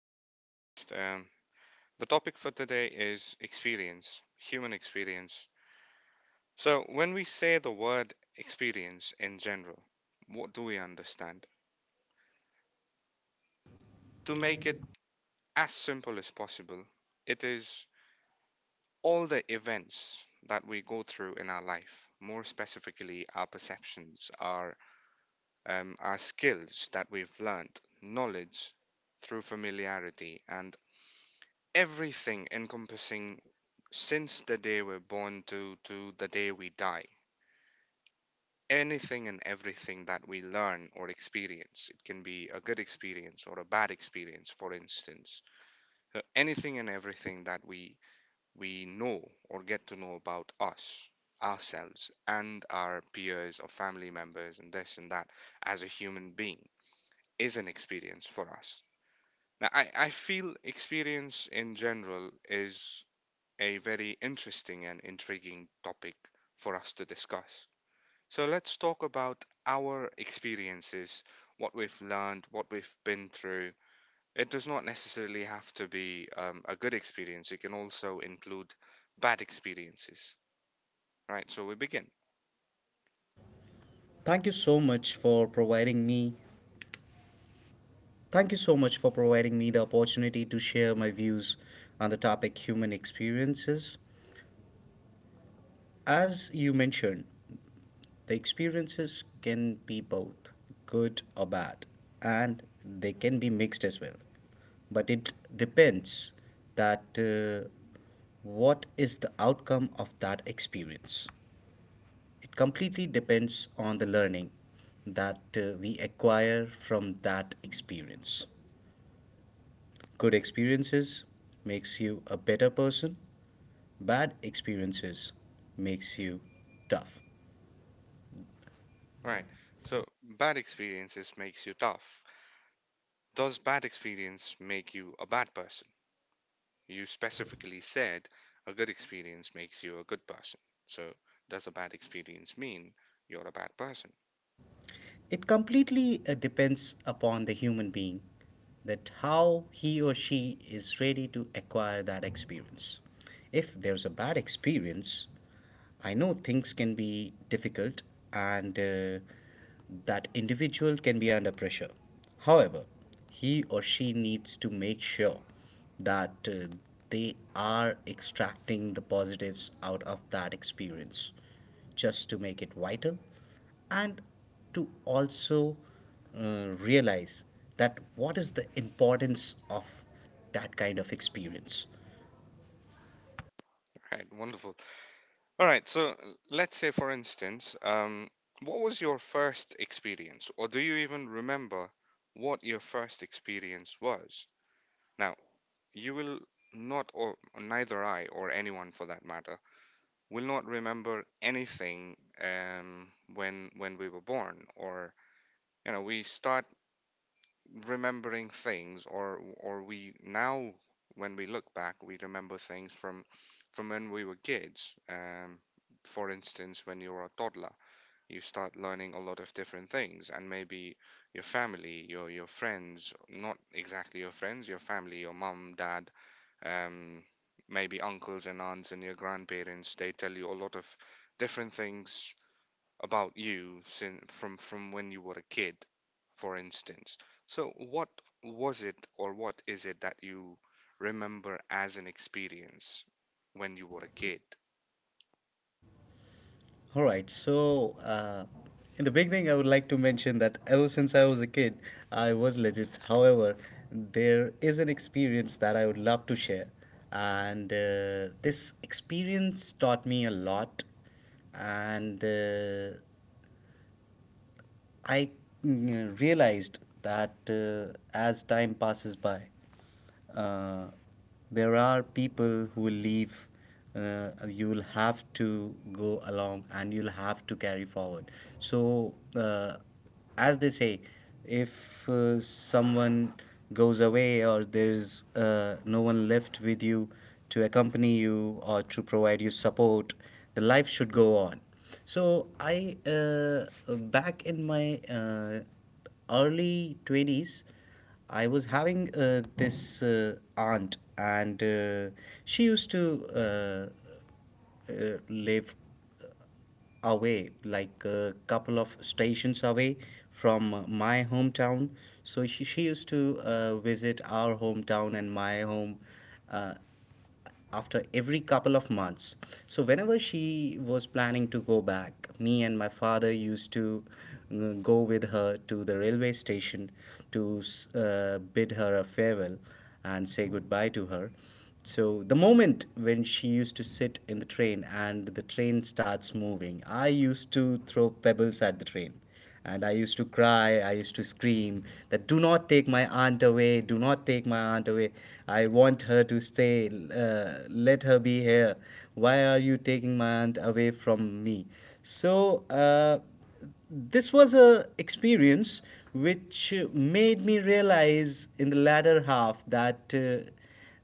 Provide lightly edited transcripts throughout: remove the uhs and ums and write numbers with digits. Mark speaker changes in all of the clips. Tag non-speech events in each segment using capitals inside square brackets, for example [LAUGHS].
Speaker 1: to our podcast. The topic for today is experience, human experience. So, when we say the word experience in general, what do we understand? To make it as simple as possible, it is all the events that we go through in our life, more specifically, our perceptions, our skills that we've learned, knowledge through familiarity, and everything encompassing since the day we're born to the day we die. Anything and everything that we learn or experience, it can be a good experience or a bad experience, for instance. Anything and everything that we know or get to know about us, ourselves and our peers or family members and this and that, as a human being, is an experience for us. Now I feel experience in general is a very interesting and intriguing topic for us to discuss. So, let's talk about our experiences, what we've learned, what we've been through. It does not necessarily have to be a good experience, it can also include bad experiences, right? So, we begin.
Speaker 2: Thank you so much for providing me. Thank you so much for providing me the opportunity to share my views on the topic human experiences. As you mentioned, the experiences can be both good or bad, and they can be mixed as well. But it depends that what is the outcome of that experience. It completely depends on the learning that we acquire from that experience. Good experiences makes you a better person. Bad experiences makes you tough.
Speaker 1: Right. So, bad experiences makes you tough. Does bad experience make you a bad person? You specifically said a good experience makes you a good person. So, does a bad experience mean you're a bad person?
Speaker 2: It completely depends upon the human being that how he or she is ready to acquire that experience. If there's a bad experience, I know things can be difficult, and that individual can be under pressure. However, he or she needs to make sure that they are extracting the positives out of that experience, just to make it vital and to also realize that what is the importance of that kind of experience.
Speaker 1: Right, wonderful. All right, so let's say, for instance, what was your first experience, or do you even remember what your first experience was? Now, you will not, or neither I or anyone for that matter, will not remember anything, um, when we were born, or you know, we start remembering things or we now, when we look back, we remember things from when we were kids. For instance, when you're a toddler, you start learning a lot of different things, and maybe your family, your friends, not exactly your friends, your family, your mum, dad, um maybe uncles and aunts and your grandparents, they tell you a lot of different things about you since from when you were a kid, for instance. So what was it or what is it that you remember as an experience when you were a kid?
Speaker 2: All right, so in the beginning, I would like to mention that ever since I was a kid, I was legit. However, there is an experience that I would love to share, and this experience taught me a lot, and I realized that as time passes by, uh, there are people who will leave. You'll have to go along, and you'll have to carry forward. So, as they say, if someone goes away or there's no one left with you to accompany you or to provide you support, the life should go on. So I back in my early 20s, I was having this aunt, and she used to live away, like a couple of stations away from my hometown. So she used to visit our hometown and my home uh, after every couple of months. So whenever she was planning to go back, me and my father used to go with her to the railway station to bid her a farewell and say goodbye to her. So the moment when she used to sit in the train and the train starts moving, I used to throw pebbles at the train. And I used to cry, I used to scream that do not take my aunt away, do not take my aunt away. I want her to stay, let her be here. Why are you taking my aunt away from me? So, this was a experience which made me realize in the latter half that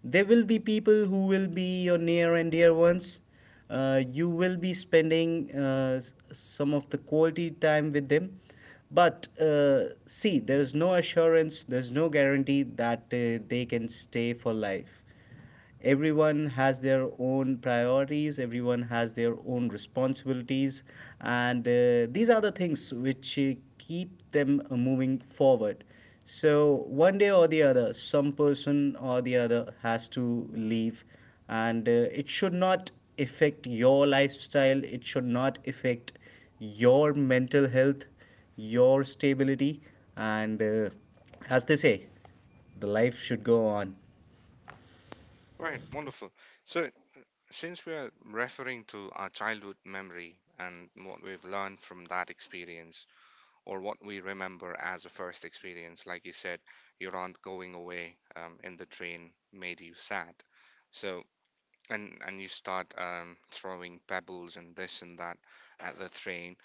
Speaker 2: there will be people who will be your near and dear ones. You will be spending some of the quality time with them, but see, there is no assurance, there's no guarantee that they can stay for life. Everyone has their own priorities, everyone has their own responsibilities, and these are the things which keep them moving forward. So one day or the other, some person or the other has to leave, and it should not affect your lifestyle, it should not affect your mental health, your stability, and as they say, the life should go on.
Speaker 1: Right, wonderful. So since we are referring to our childhood memory and what we've learned from that experience, or what we remember as a first experience, like you said, your aunt going away in the train made you sad. So and you start throwing pebbles and this and that at the train,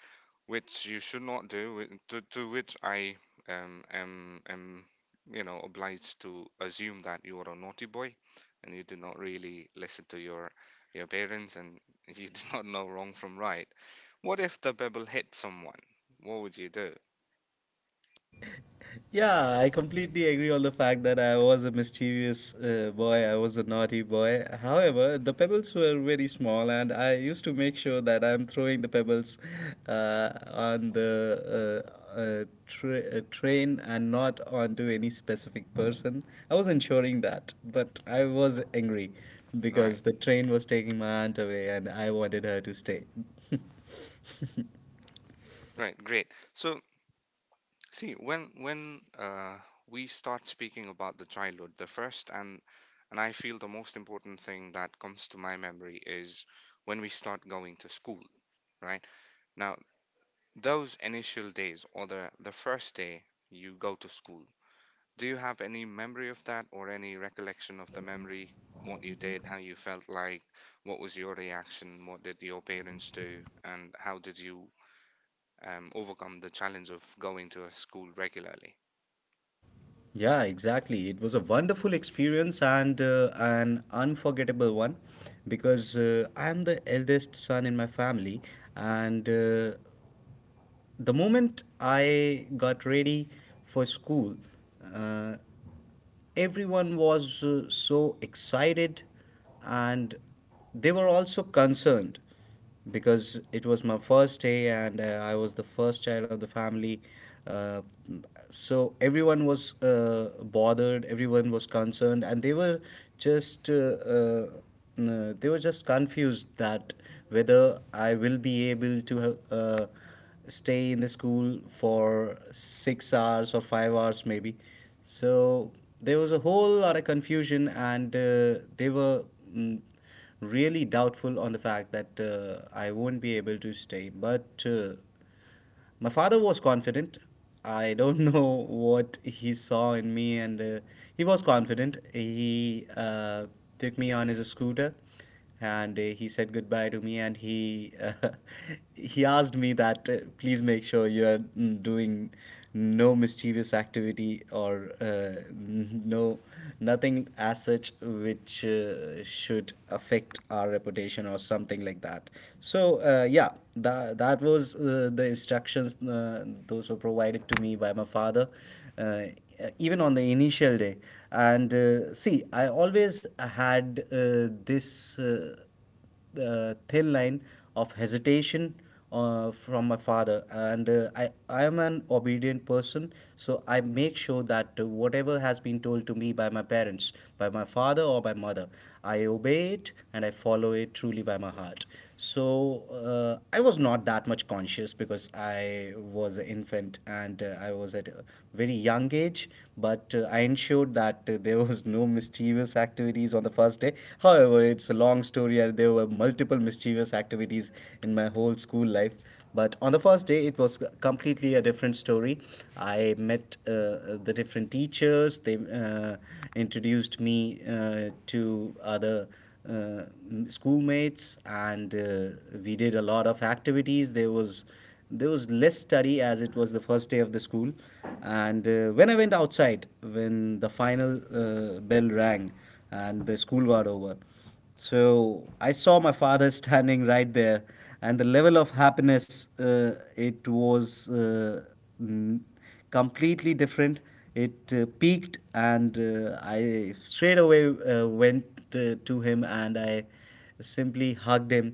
Speaker 1: which you should not do. To which I am obliged to assume that you are a naughty boy, and you did not really listen to your parents, and you did [LAUGHS] not know wrong from right. What if the pebble hit someone? What would you do?
Speaker 2: Yeah, I completely agree on the fact that I was a mischievous boy. I was a naughty boy. However, the pebbles were very small, and I used to make sure that I'm throwing the pebbles on the train and not onto any specific person. I was ensuring that, but I was angry
Speaker 1: Right,
Speaker 2: because the train was taking my aunt away, and I wanted her to stay.
Speaker 1: right, great. So, see, when we start speaking about the childhood, the first, and I feel the most important thing that comes to my memory is when we start going to school, right? Now, those initial days or the first day you go to school, do you have any memory of that or any recollection of the memory, what you did, how you felt like, what was your reaction, what did your parents do, and how did you overcome the challenge of going to a school regularly?
Speaker 2: Yeah, exactly. It was a wonderful experience, and an unforgettable one, because I'm the eldest son in my family, and the moment I got ready for school, uh, everyone was so excited, and they were also concerned because it was my first day, and I was the first child of the family. Uh, so everyone was bothered, everyone was concerned, and they were just. Uh, they were just confused that whether I will be able to stay in the school for 6 hours or 5 hours, maybe. So there was a whole lot of confusion, and they were mm, really doubtful on the fact that I won't be able to stay, but my father was confident. I don't [LAUGHS] know what he saw in me, and he was confident. He took me on his scooter, and he said goodbye to me, and he [LAUGHS] he asked me that please make sure you are doing no mischievous activity, or no, nothing as such which should affect our reputation or something like that. So yeah, that was the instructions, those were provided to me by my father, uh, even on the initial day. And see, I always had this the thin line of hesitation from my father, and I am an obedient person, so I make sure that whatever has been told to me by my parents, by my father or by mother, I obey it and I follow it truly by my heart. So I was not that much conscious because I was an infant, and I was at a very young age, but I ensured showed that there was no mischievous activities on the first day. However, it's a long story, and there were multiple mischievous activities in my whole school life. But on the first day, it was completely a different story. I met the different teachers, they uh, introduced me to other uh, schoolmates, and we did a lot of activities. There was less study, as it was the first day of the school. And when I went outside, when the final bell rang and the school was over, so I saw my father [LAUGHS] standing right there, and the level of happiness, it was n- completely different. It peaked, and I straight away went to him, and I simply hugged him,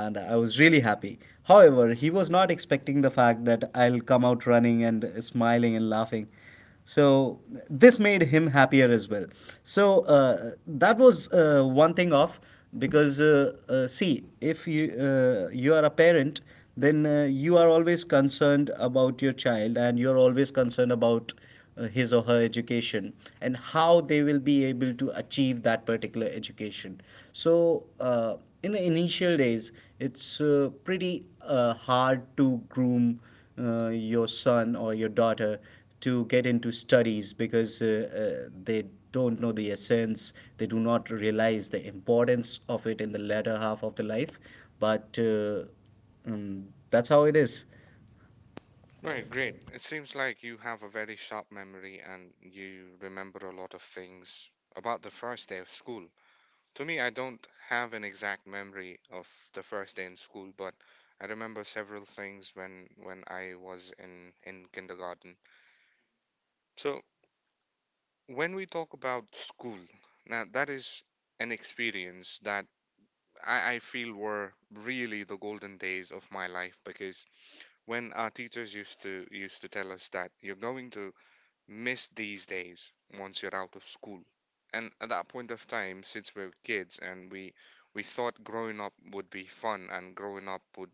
Speaker 2: and I was really happy. However, he was not expecting the fact that I'll come out running and smiling and laughing. So this made him happier as well. So that was one thing off, because see, if you are a parent, then you are always concerned about your child, and you are always concerned about his or her education, and how they will be able to achieve that particular education. So, in the initial days, it's pretty hard to groom your son or your daughter to get into studies, because they don't know the essence, they do not realize the importance of it in the latter half of the life. But that's how it is.
Speaker 1: Right, great. It seems like you have a very sharp memory and you remember a lot of things about the first day of school. To me, I don't have an exact memory of the first day in school, but I remember several things when I was in kindergarten. So, when we talk about school, now that is an experience that I feel were really the golden days of my life, because when our teachers used to tell us that you're going to miss these days once you're out of school. And at that point of time, since we were kids and we thought growing up would be fun and growing up would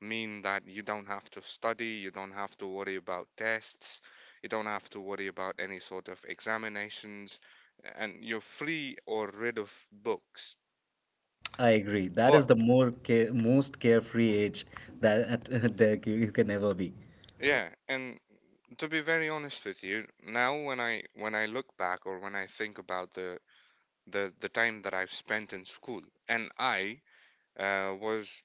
Speaker 1: mean that you don't have to study, you don't have to worry about tests, you don't have to worry about any sort of examinations, and you're free or rid of books.
Speaker 2: I agree. That is
Speaker 1: But
Speaker 2: the most carefree age that [LAUGHS] you can ever be.
Speaker 1: yeah, and to be very honest with you, now when I look back or when I think about the the time that I've spent in school. And uh, was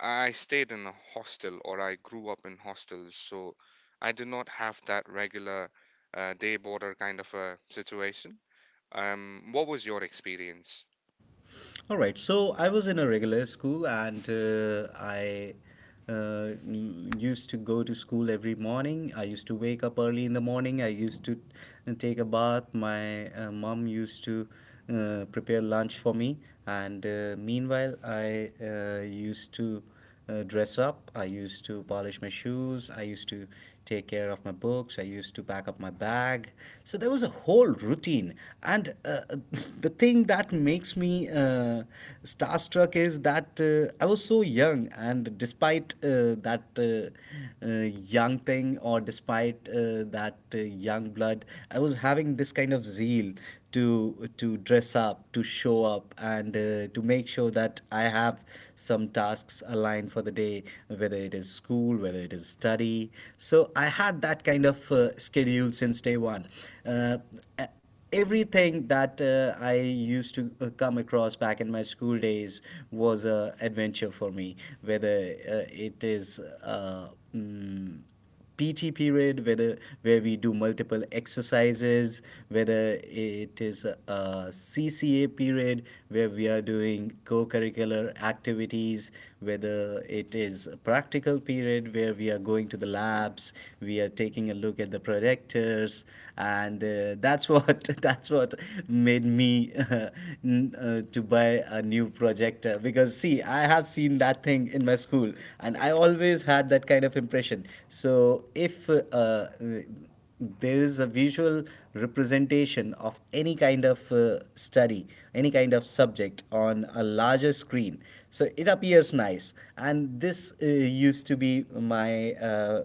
Speaker 1: I stayed in a hostel or I grew up in hostels, so I did not have that regular day border kind of a situation. What was your experience?
Speaker 2: All right. So I was in a regular school, and I used to go to school every morning. I used to wake up early in the morning. I used to take a bath. My mom used to prepare lunch for me, and meanwhile, I used to dress up. I used to polish my shoes. I used to take care of my books. I used to pack up my bag. So there was a whole routine. And [LAUGHS] the thing that makes me starstruck is that I was so young, and despite that young thing, or despite that young blood, I was having this kind of zeal to dress up, to show grow up, and to make sure that I have some tasks aligned for the day, whether it is school, whether it is study. So I had that kind of schedule since day one. Uh, a- Everything that I used to come across back in my school days was a adventure for me, whether it is mm, PT period, whether where we do multiple exercises, whether it is a CCA period where we are doing co-curricular activities, whether it is a practical period where we are going to the labs, we are taking a look at the projectors, and that's what [LAUGHS] that's what made me [LAUGHS] to buy a new projector, because see, I have seen that thing in my school, and I always had that kind of impression. So if there is a visual representation of any kind of study, any kind of subject on a larger screen. So it appears nice. And this used to be my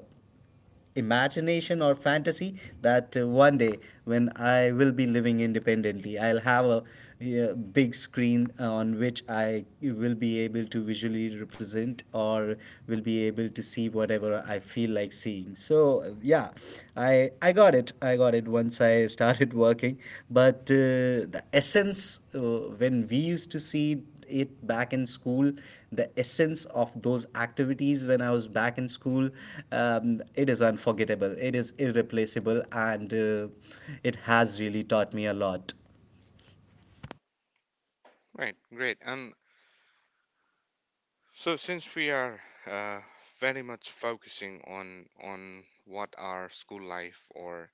Speaker 2: imagination or fantasy that one day when I will be living independently, I'll have a big screen on which I will be able to visually represent or will be able to see whatever I feel like seeing. So yeah, I got it. I got it once I started working. But the essence when we used to see it back in school, the essence of those activities when I was back in school, it is unforgettable, it is irreplaceable, and it has really taught me a lot.
Speaker 1: Right, great. And so since we are uh, very much focusing on what our school life or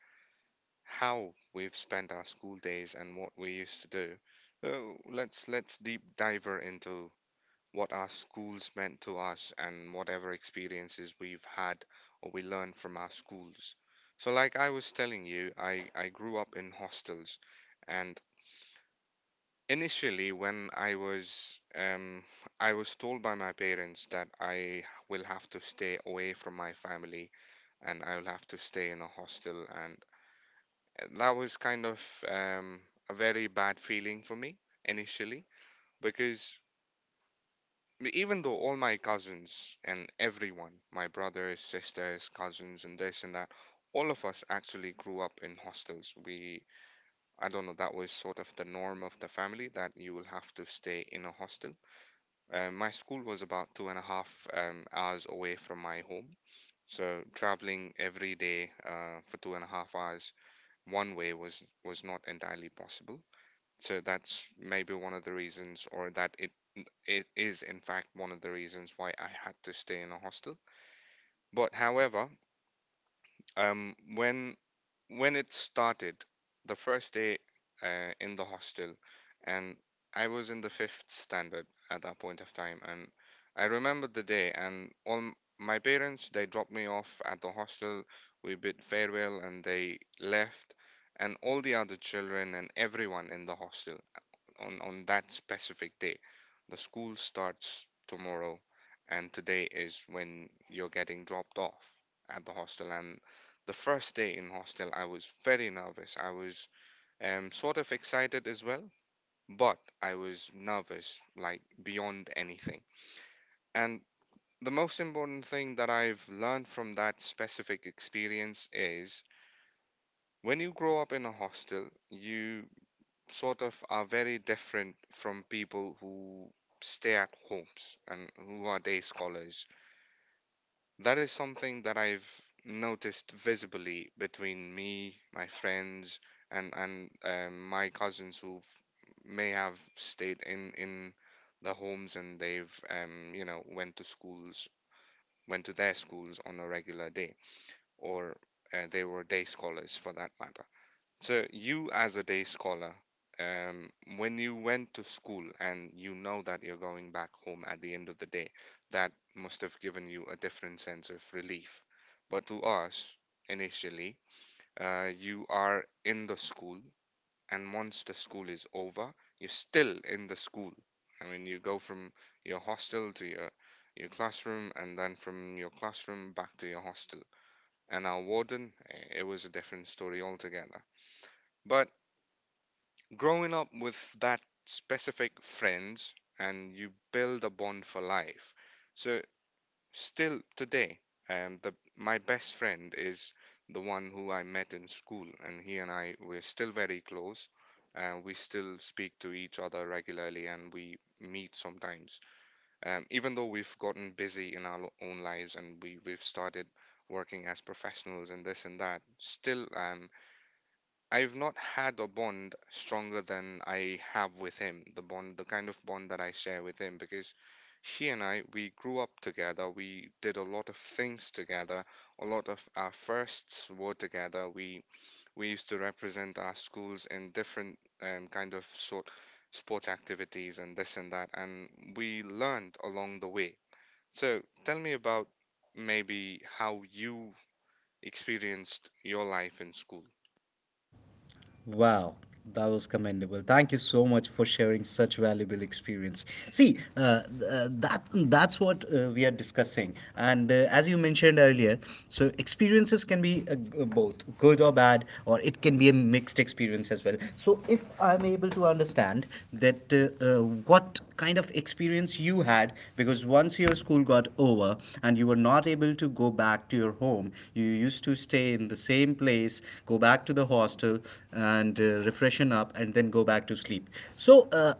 Speaker 1: how we've spent our school days and what we used to do, let's deep diver into what our schools meant to us and whatever experiences we've had or we learned from our schools. So, like I was telling you, I grew up in hostels, and initially, when I was told by my parents that I will have to stay away from my family and I will have to stay in a hostel, and that was kind of a very bad feeling for me initially, because even though all my cousins and everyone, my brothers, sisters, cousins, and this and that, all of us actually grew up in hostels. We, I don't know, that was sort of the norm of the family that you will have to stay in a hostel. My school was about two and a half hours away from my home. So traveling every day for 2.5 hours one way was not entirely possible. So that's maybe one of the reasons, or that it is in fact one of the reasons why I had to stay in a hostel. But however, when it started, the first day in the hostel, and I was in the fifth standard at that point of time, and I remember the day, and all my parents, they dropped me off at the hostel. We bid farewell, and they left, and all the other children and everyone in the hostel on that specific day. The school starts tomorrow, and today is when you're getting dropped off at the hostel. And the first day in hostel, I was very nervous. I was sort of excited as well, but I was nervous like beyond anything. And the most important thing that I've learned from that specific experience is, when you grow up in a hostel, you sort of are very different from people who stay at homes and who are day scholars. That is something that I've noticed visibly between me, my friends, and my cousins who may have stayed in the homes, and they've went to schools, went to their schools on a regular day, or they were day scholars for that matter. So you, as a day scholar, um, when you went to school and you know that you're going back home at the end of the day, that must have given you a different sense of relief. But to us, initially, you are in the school, and once the school is over, you're still in the school. I mean, you go from your hostel to your classroom, and then from your classroom back to your hostel. And our warden, eh, it was a different story altogether. But growing up with that specific friends, and you build a bond for life. So still today, the my best friend is the one who I met in school, and he and I, we're still very close. We still speak to each other regularly, and we meet sometimes. Even though we've gotten busy in our own lives, and we've started working as professionals and this and that, still I've not had a bond stronger than I have with him, the bond, the kind of bond that I share with him, because he and I, we grew up together, we did a lot of things together, a lot of our firsts were together. We used to represent our schools in different kind of sort sports activities and this and that, and we learned along the way. So tell me about maybe how you experienced your life in school.
Speaker 2: Wow, that was commendable. Thank you so much for sharing such valuable experience. See, that's what we are discussing. And as you mentioned earlier, so experiences can be both good or bad, or it can be a mixed experience as well. So if I'm able to understand that what kind of experience you had, because once your school got over and you were not able to go back to your home, you used to stay in the same place, go back to the hostel, and refreshen up, and then go back to sleep. So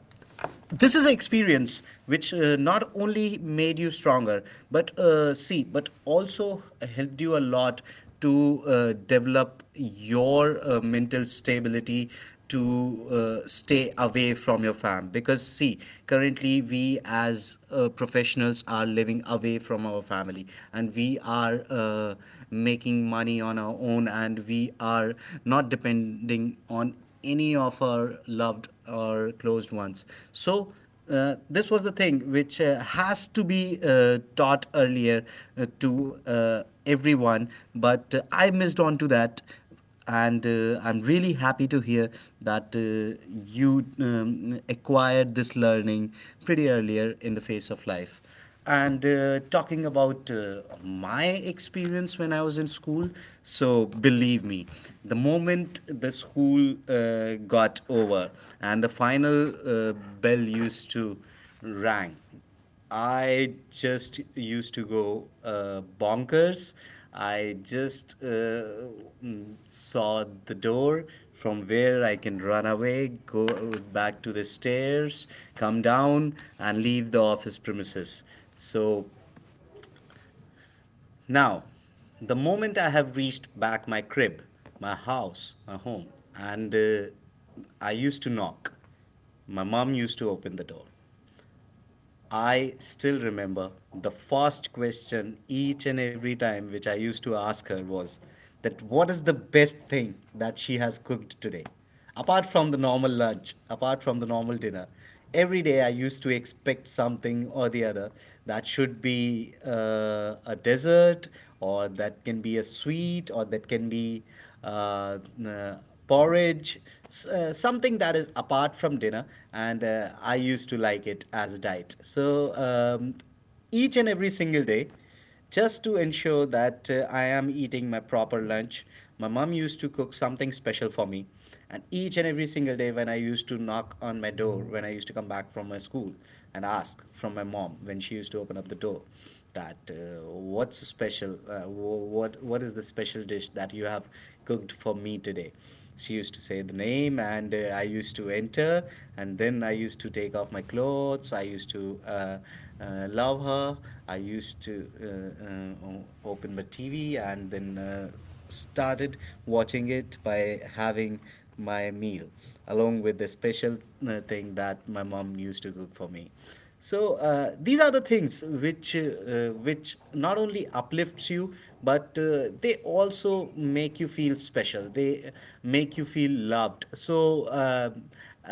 Speaker 2: this is an experience which not only made you stronger, but see, but also helped you a lot to develop your mental stability to stay away from your fam, because see, currently we as professionals are living away from our family, and we are making money on our own, and we are not depending on any of our loved or closed ones. So, this was the thing which has to be taught earlier to everyone, but I missed on to that. And I'm really happy to hear that you acquired this learning pretty earlier in the phase of life. And talking about my experience when I was in school, so believe me, the moment the school got over and the final bell used to rang, I just used to go bonkers. I just saw the door from where I can run away, go back to the stairs, come down, and leave the office premises. So now, the moment I have reached back my crib, my house, my home, and I used to knock, my mom used to open the door. I still remember the first question each and every time which I used to ask her was that what is the best thing that she has cooked today? Apart from the normal lunch, apart from the normal dinner, every day I used to expect something or the other that should be a dessert, or that can be a sweet, or that can be uh, uh, porridge, something that is apart from dinner, and I used to like it as a diet. So each and every single day, just to ensure that I am eating my proper lunch, my mom used to cook something special for me. And each and every single day, when I used to knock on my door, when I used to come back from my school and ask from my mom when she used to open up the door, that what's special what is the special dish that you have cooked for me today, she used to say the name, and I used to enter, and then I used to take off my clothes, I used to love her. I used to open my TV, and then started watching it by having my meal along with the special thing that my mom used to cook for me. So these are the things which not only uplifts you, but they also make you feel special, they make you feel loved. So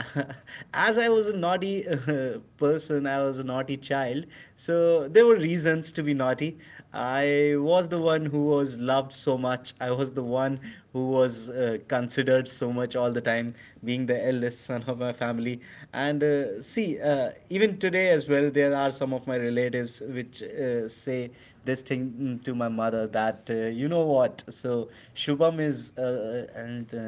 Speaker 2: [LAUGHS] as I was a naughty person, I was a naughty child, so there were reasons to be naughty. I was the one who was loved so much, I was the one who was considered so much all the time, being the eldest son none of my family. And see, even today as well, there are some of my relatives which say this thing to my mother that, you know what, so Shubham is, and uh,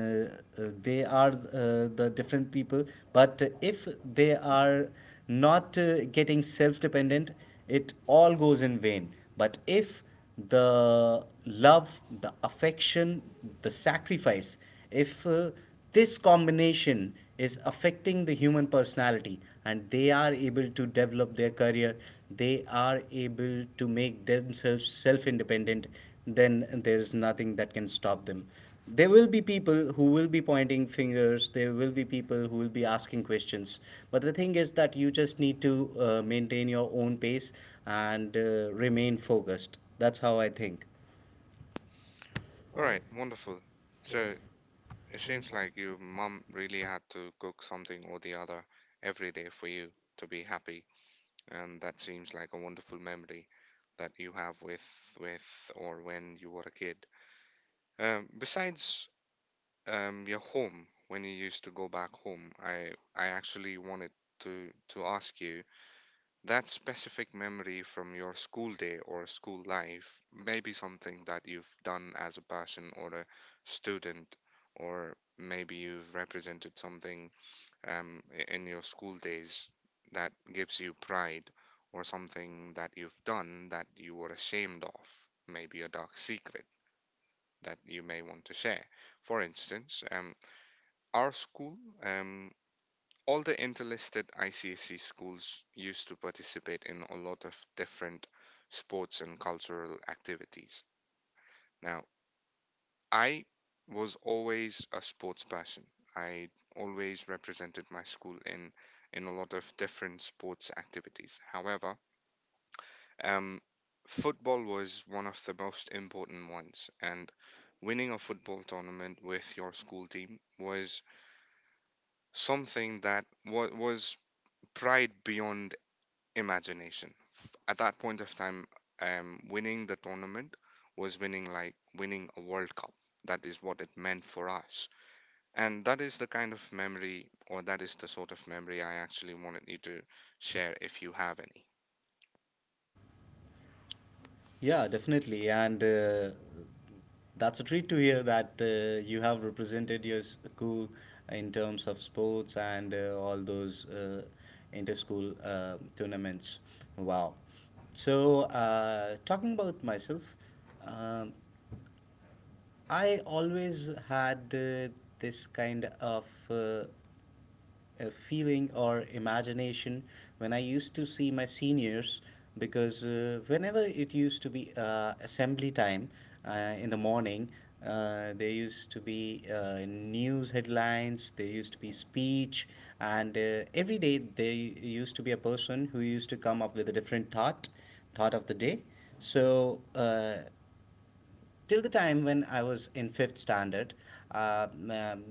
Speaker 2: uh, they are the different people, but if they are not getting self dependent, it all goes in vain. But if the love, the affection, the sacrifice, if this combination is affecting the human personality and they are able to develop their career, they are able to make themselves self independent, then there is nothing that can stop them. There will be people who will be pointing fingers, there will be people who will be asking questions, but the thing is that you just need to maintain your own pace and remain focused. That's how I think.
Speaker 1: All right, wonderful. So, it seems like your mum really had to cook something or the other every day for you to be happy, and that seems like a wonderful memory that you have with or when you were a kid. Besides your home, when you used to go back home, I actually wanted to ask you that specific memory from your school day or school life, may be something that you've done as a person or a student, or maybe you've represented something in your school days that gives you pride, or something that you've done that you were ashamed of, maybe a dark secret that you may want to share. For instance, our school, um, all the interlisted ICSC schools used to participate in a lot of different sports and cultural activities. Now, I was always a sports person. I always represented my school in a lot of different sports activities. However, um, football was one of the most important ones, and winning a football tournament with your school team was something that was pride beyond imagination. At that point of time, winning the tournament was winning like winning a World Cup. That is what it meant for us. And that is the kind of memory, or that is the sort of memory I actually wanted you to share if you have any.
Speaker 2: Yeah, definitely, and that's a treat to hear that you have represented your school in terms of sports and all those inter-school tournaments. Wow. So talking about myself, um, I always had this kind of uh, a feeling or imagination when I used to see my seniors, because whenever it used to be assembly time in the morning, there used to be news headlines, there used to be speech, and every day there used to be a person who used to come up with a different thought, thought of the day. So till the time when I was in fifth standard, uh, um,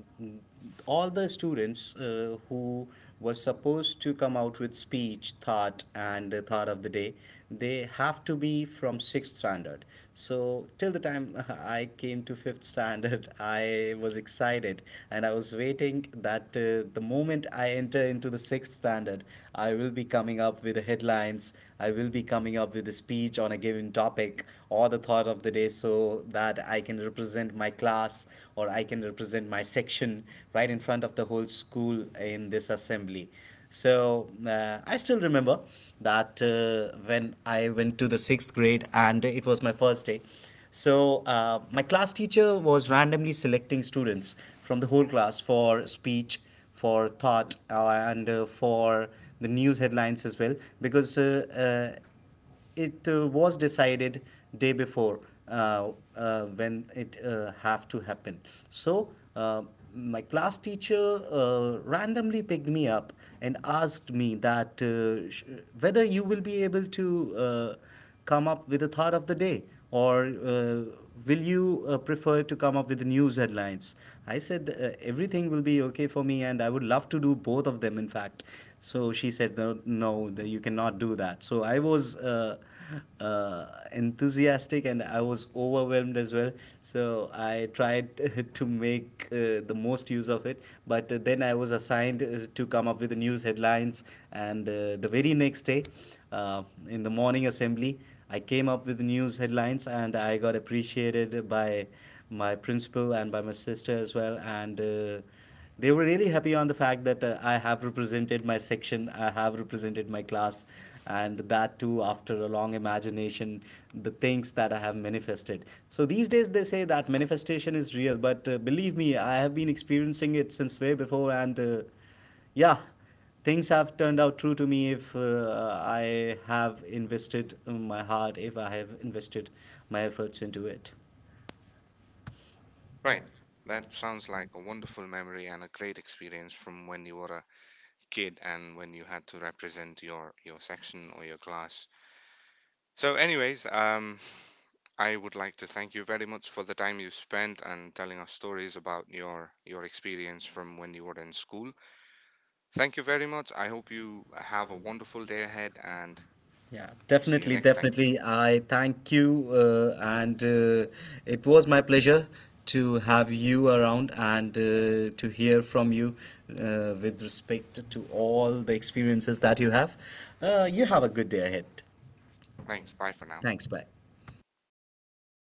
Speaker 2: all the students who were supposed to come out with speech, thought, and thought of the day, they have to be from sixth standard. So till the time [LAUGHS] I came to fifth standard, [LAUGHS] I was excited, and I was waiting that the moment I enter into the sixth standard, I will be coming up with the headlines. I will be coming up with the speech on a given topic or the thought of the day, so that I can represent my class or I can represent my section right in front of the whole school in this assembly. So I still remember that when I went to the sixth grade and it was my first day. So my class teacher was randomly selecting students from the whole class for speech, for thought, and for the news headlines as well, because it was decided day before when it have to happen. So uh, my class teacher randomly picked me up and asked me that whether you will be able to come up with a thought of the day? Or will you prefer to come up with the news headlines? I said, "Everything will be okay for me, and I would love to do both of them, in fact." So she said, "No, no, that you cannot do that." So I was uh, enthusiastic, and I was overwhelmed as well. So I tried [LAUGHS] to make the most use of it. But then I was assigned to come up with the news headlines, and the very next day, uh, in the morning assembly, I came up with the news headlines, and I got appreciated by my principal and by my sister as well, and. They were really happy on the fact that I have represented my section, I have represented my class, and that too after a long imagination, the things that I have manifested. So these days they say that manifestation is real, but believe me, I have been experiencing it since way before, and yeah, things have turned out true to me if I have invested my heart, if I have invested my efforts into it.
Speaker 1: Right. That sounds like a wonderful memory and a great experience from when you were a kid and when you had to represent your section or your class. So, anyways, I would like to thank you very much for the time you spent and telling us stories about your experience from when you were in school. Thank you very much. I hope you have a wonderful day ahead and
Speaker 2: Yeah,
Speaker 1: see you
Speaker 2: definitely,
Speaker 1: next time.
Speaker 2: definitely. I thank you, and it was my pleasure to have you around and to hear from you with respect to all the experiences that you have. You have a good day ahead.
Speaker 1: Thanks. Bye for now.
Speaker 2: Thanks, bye.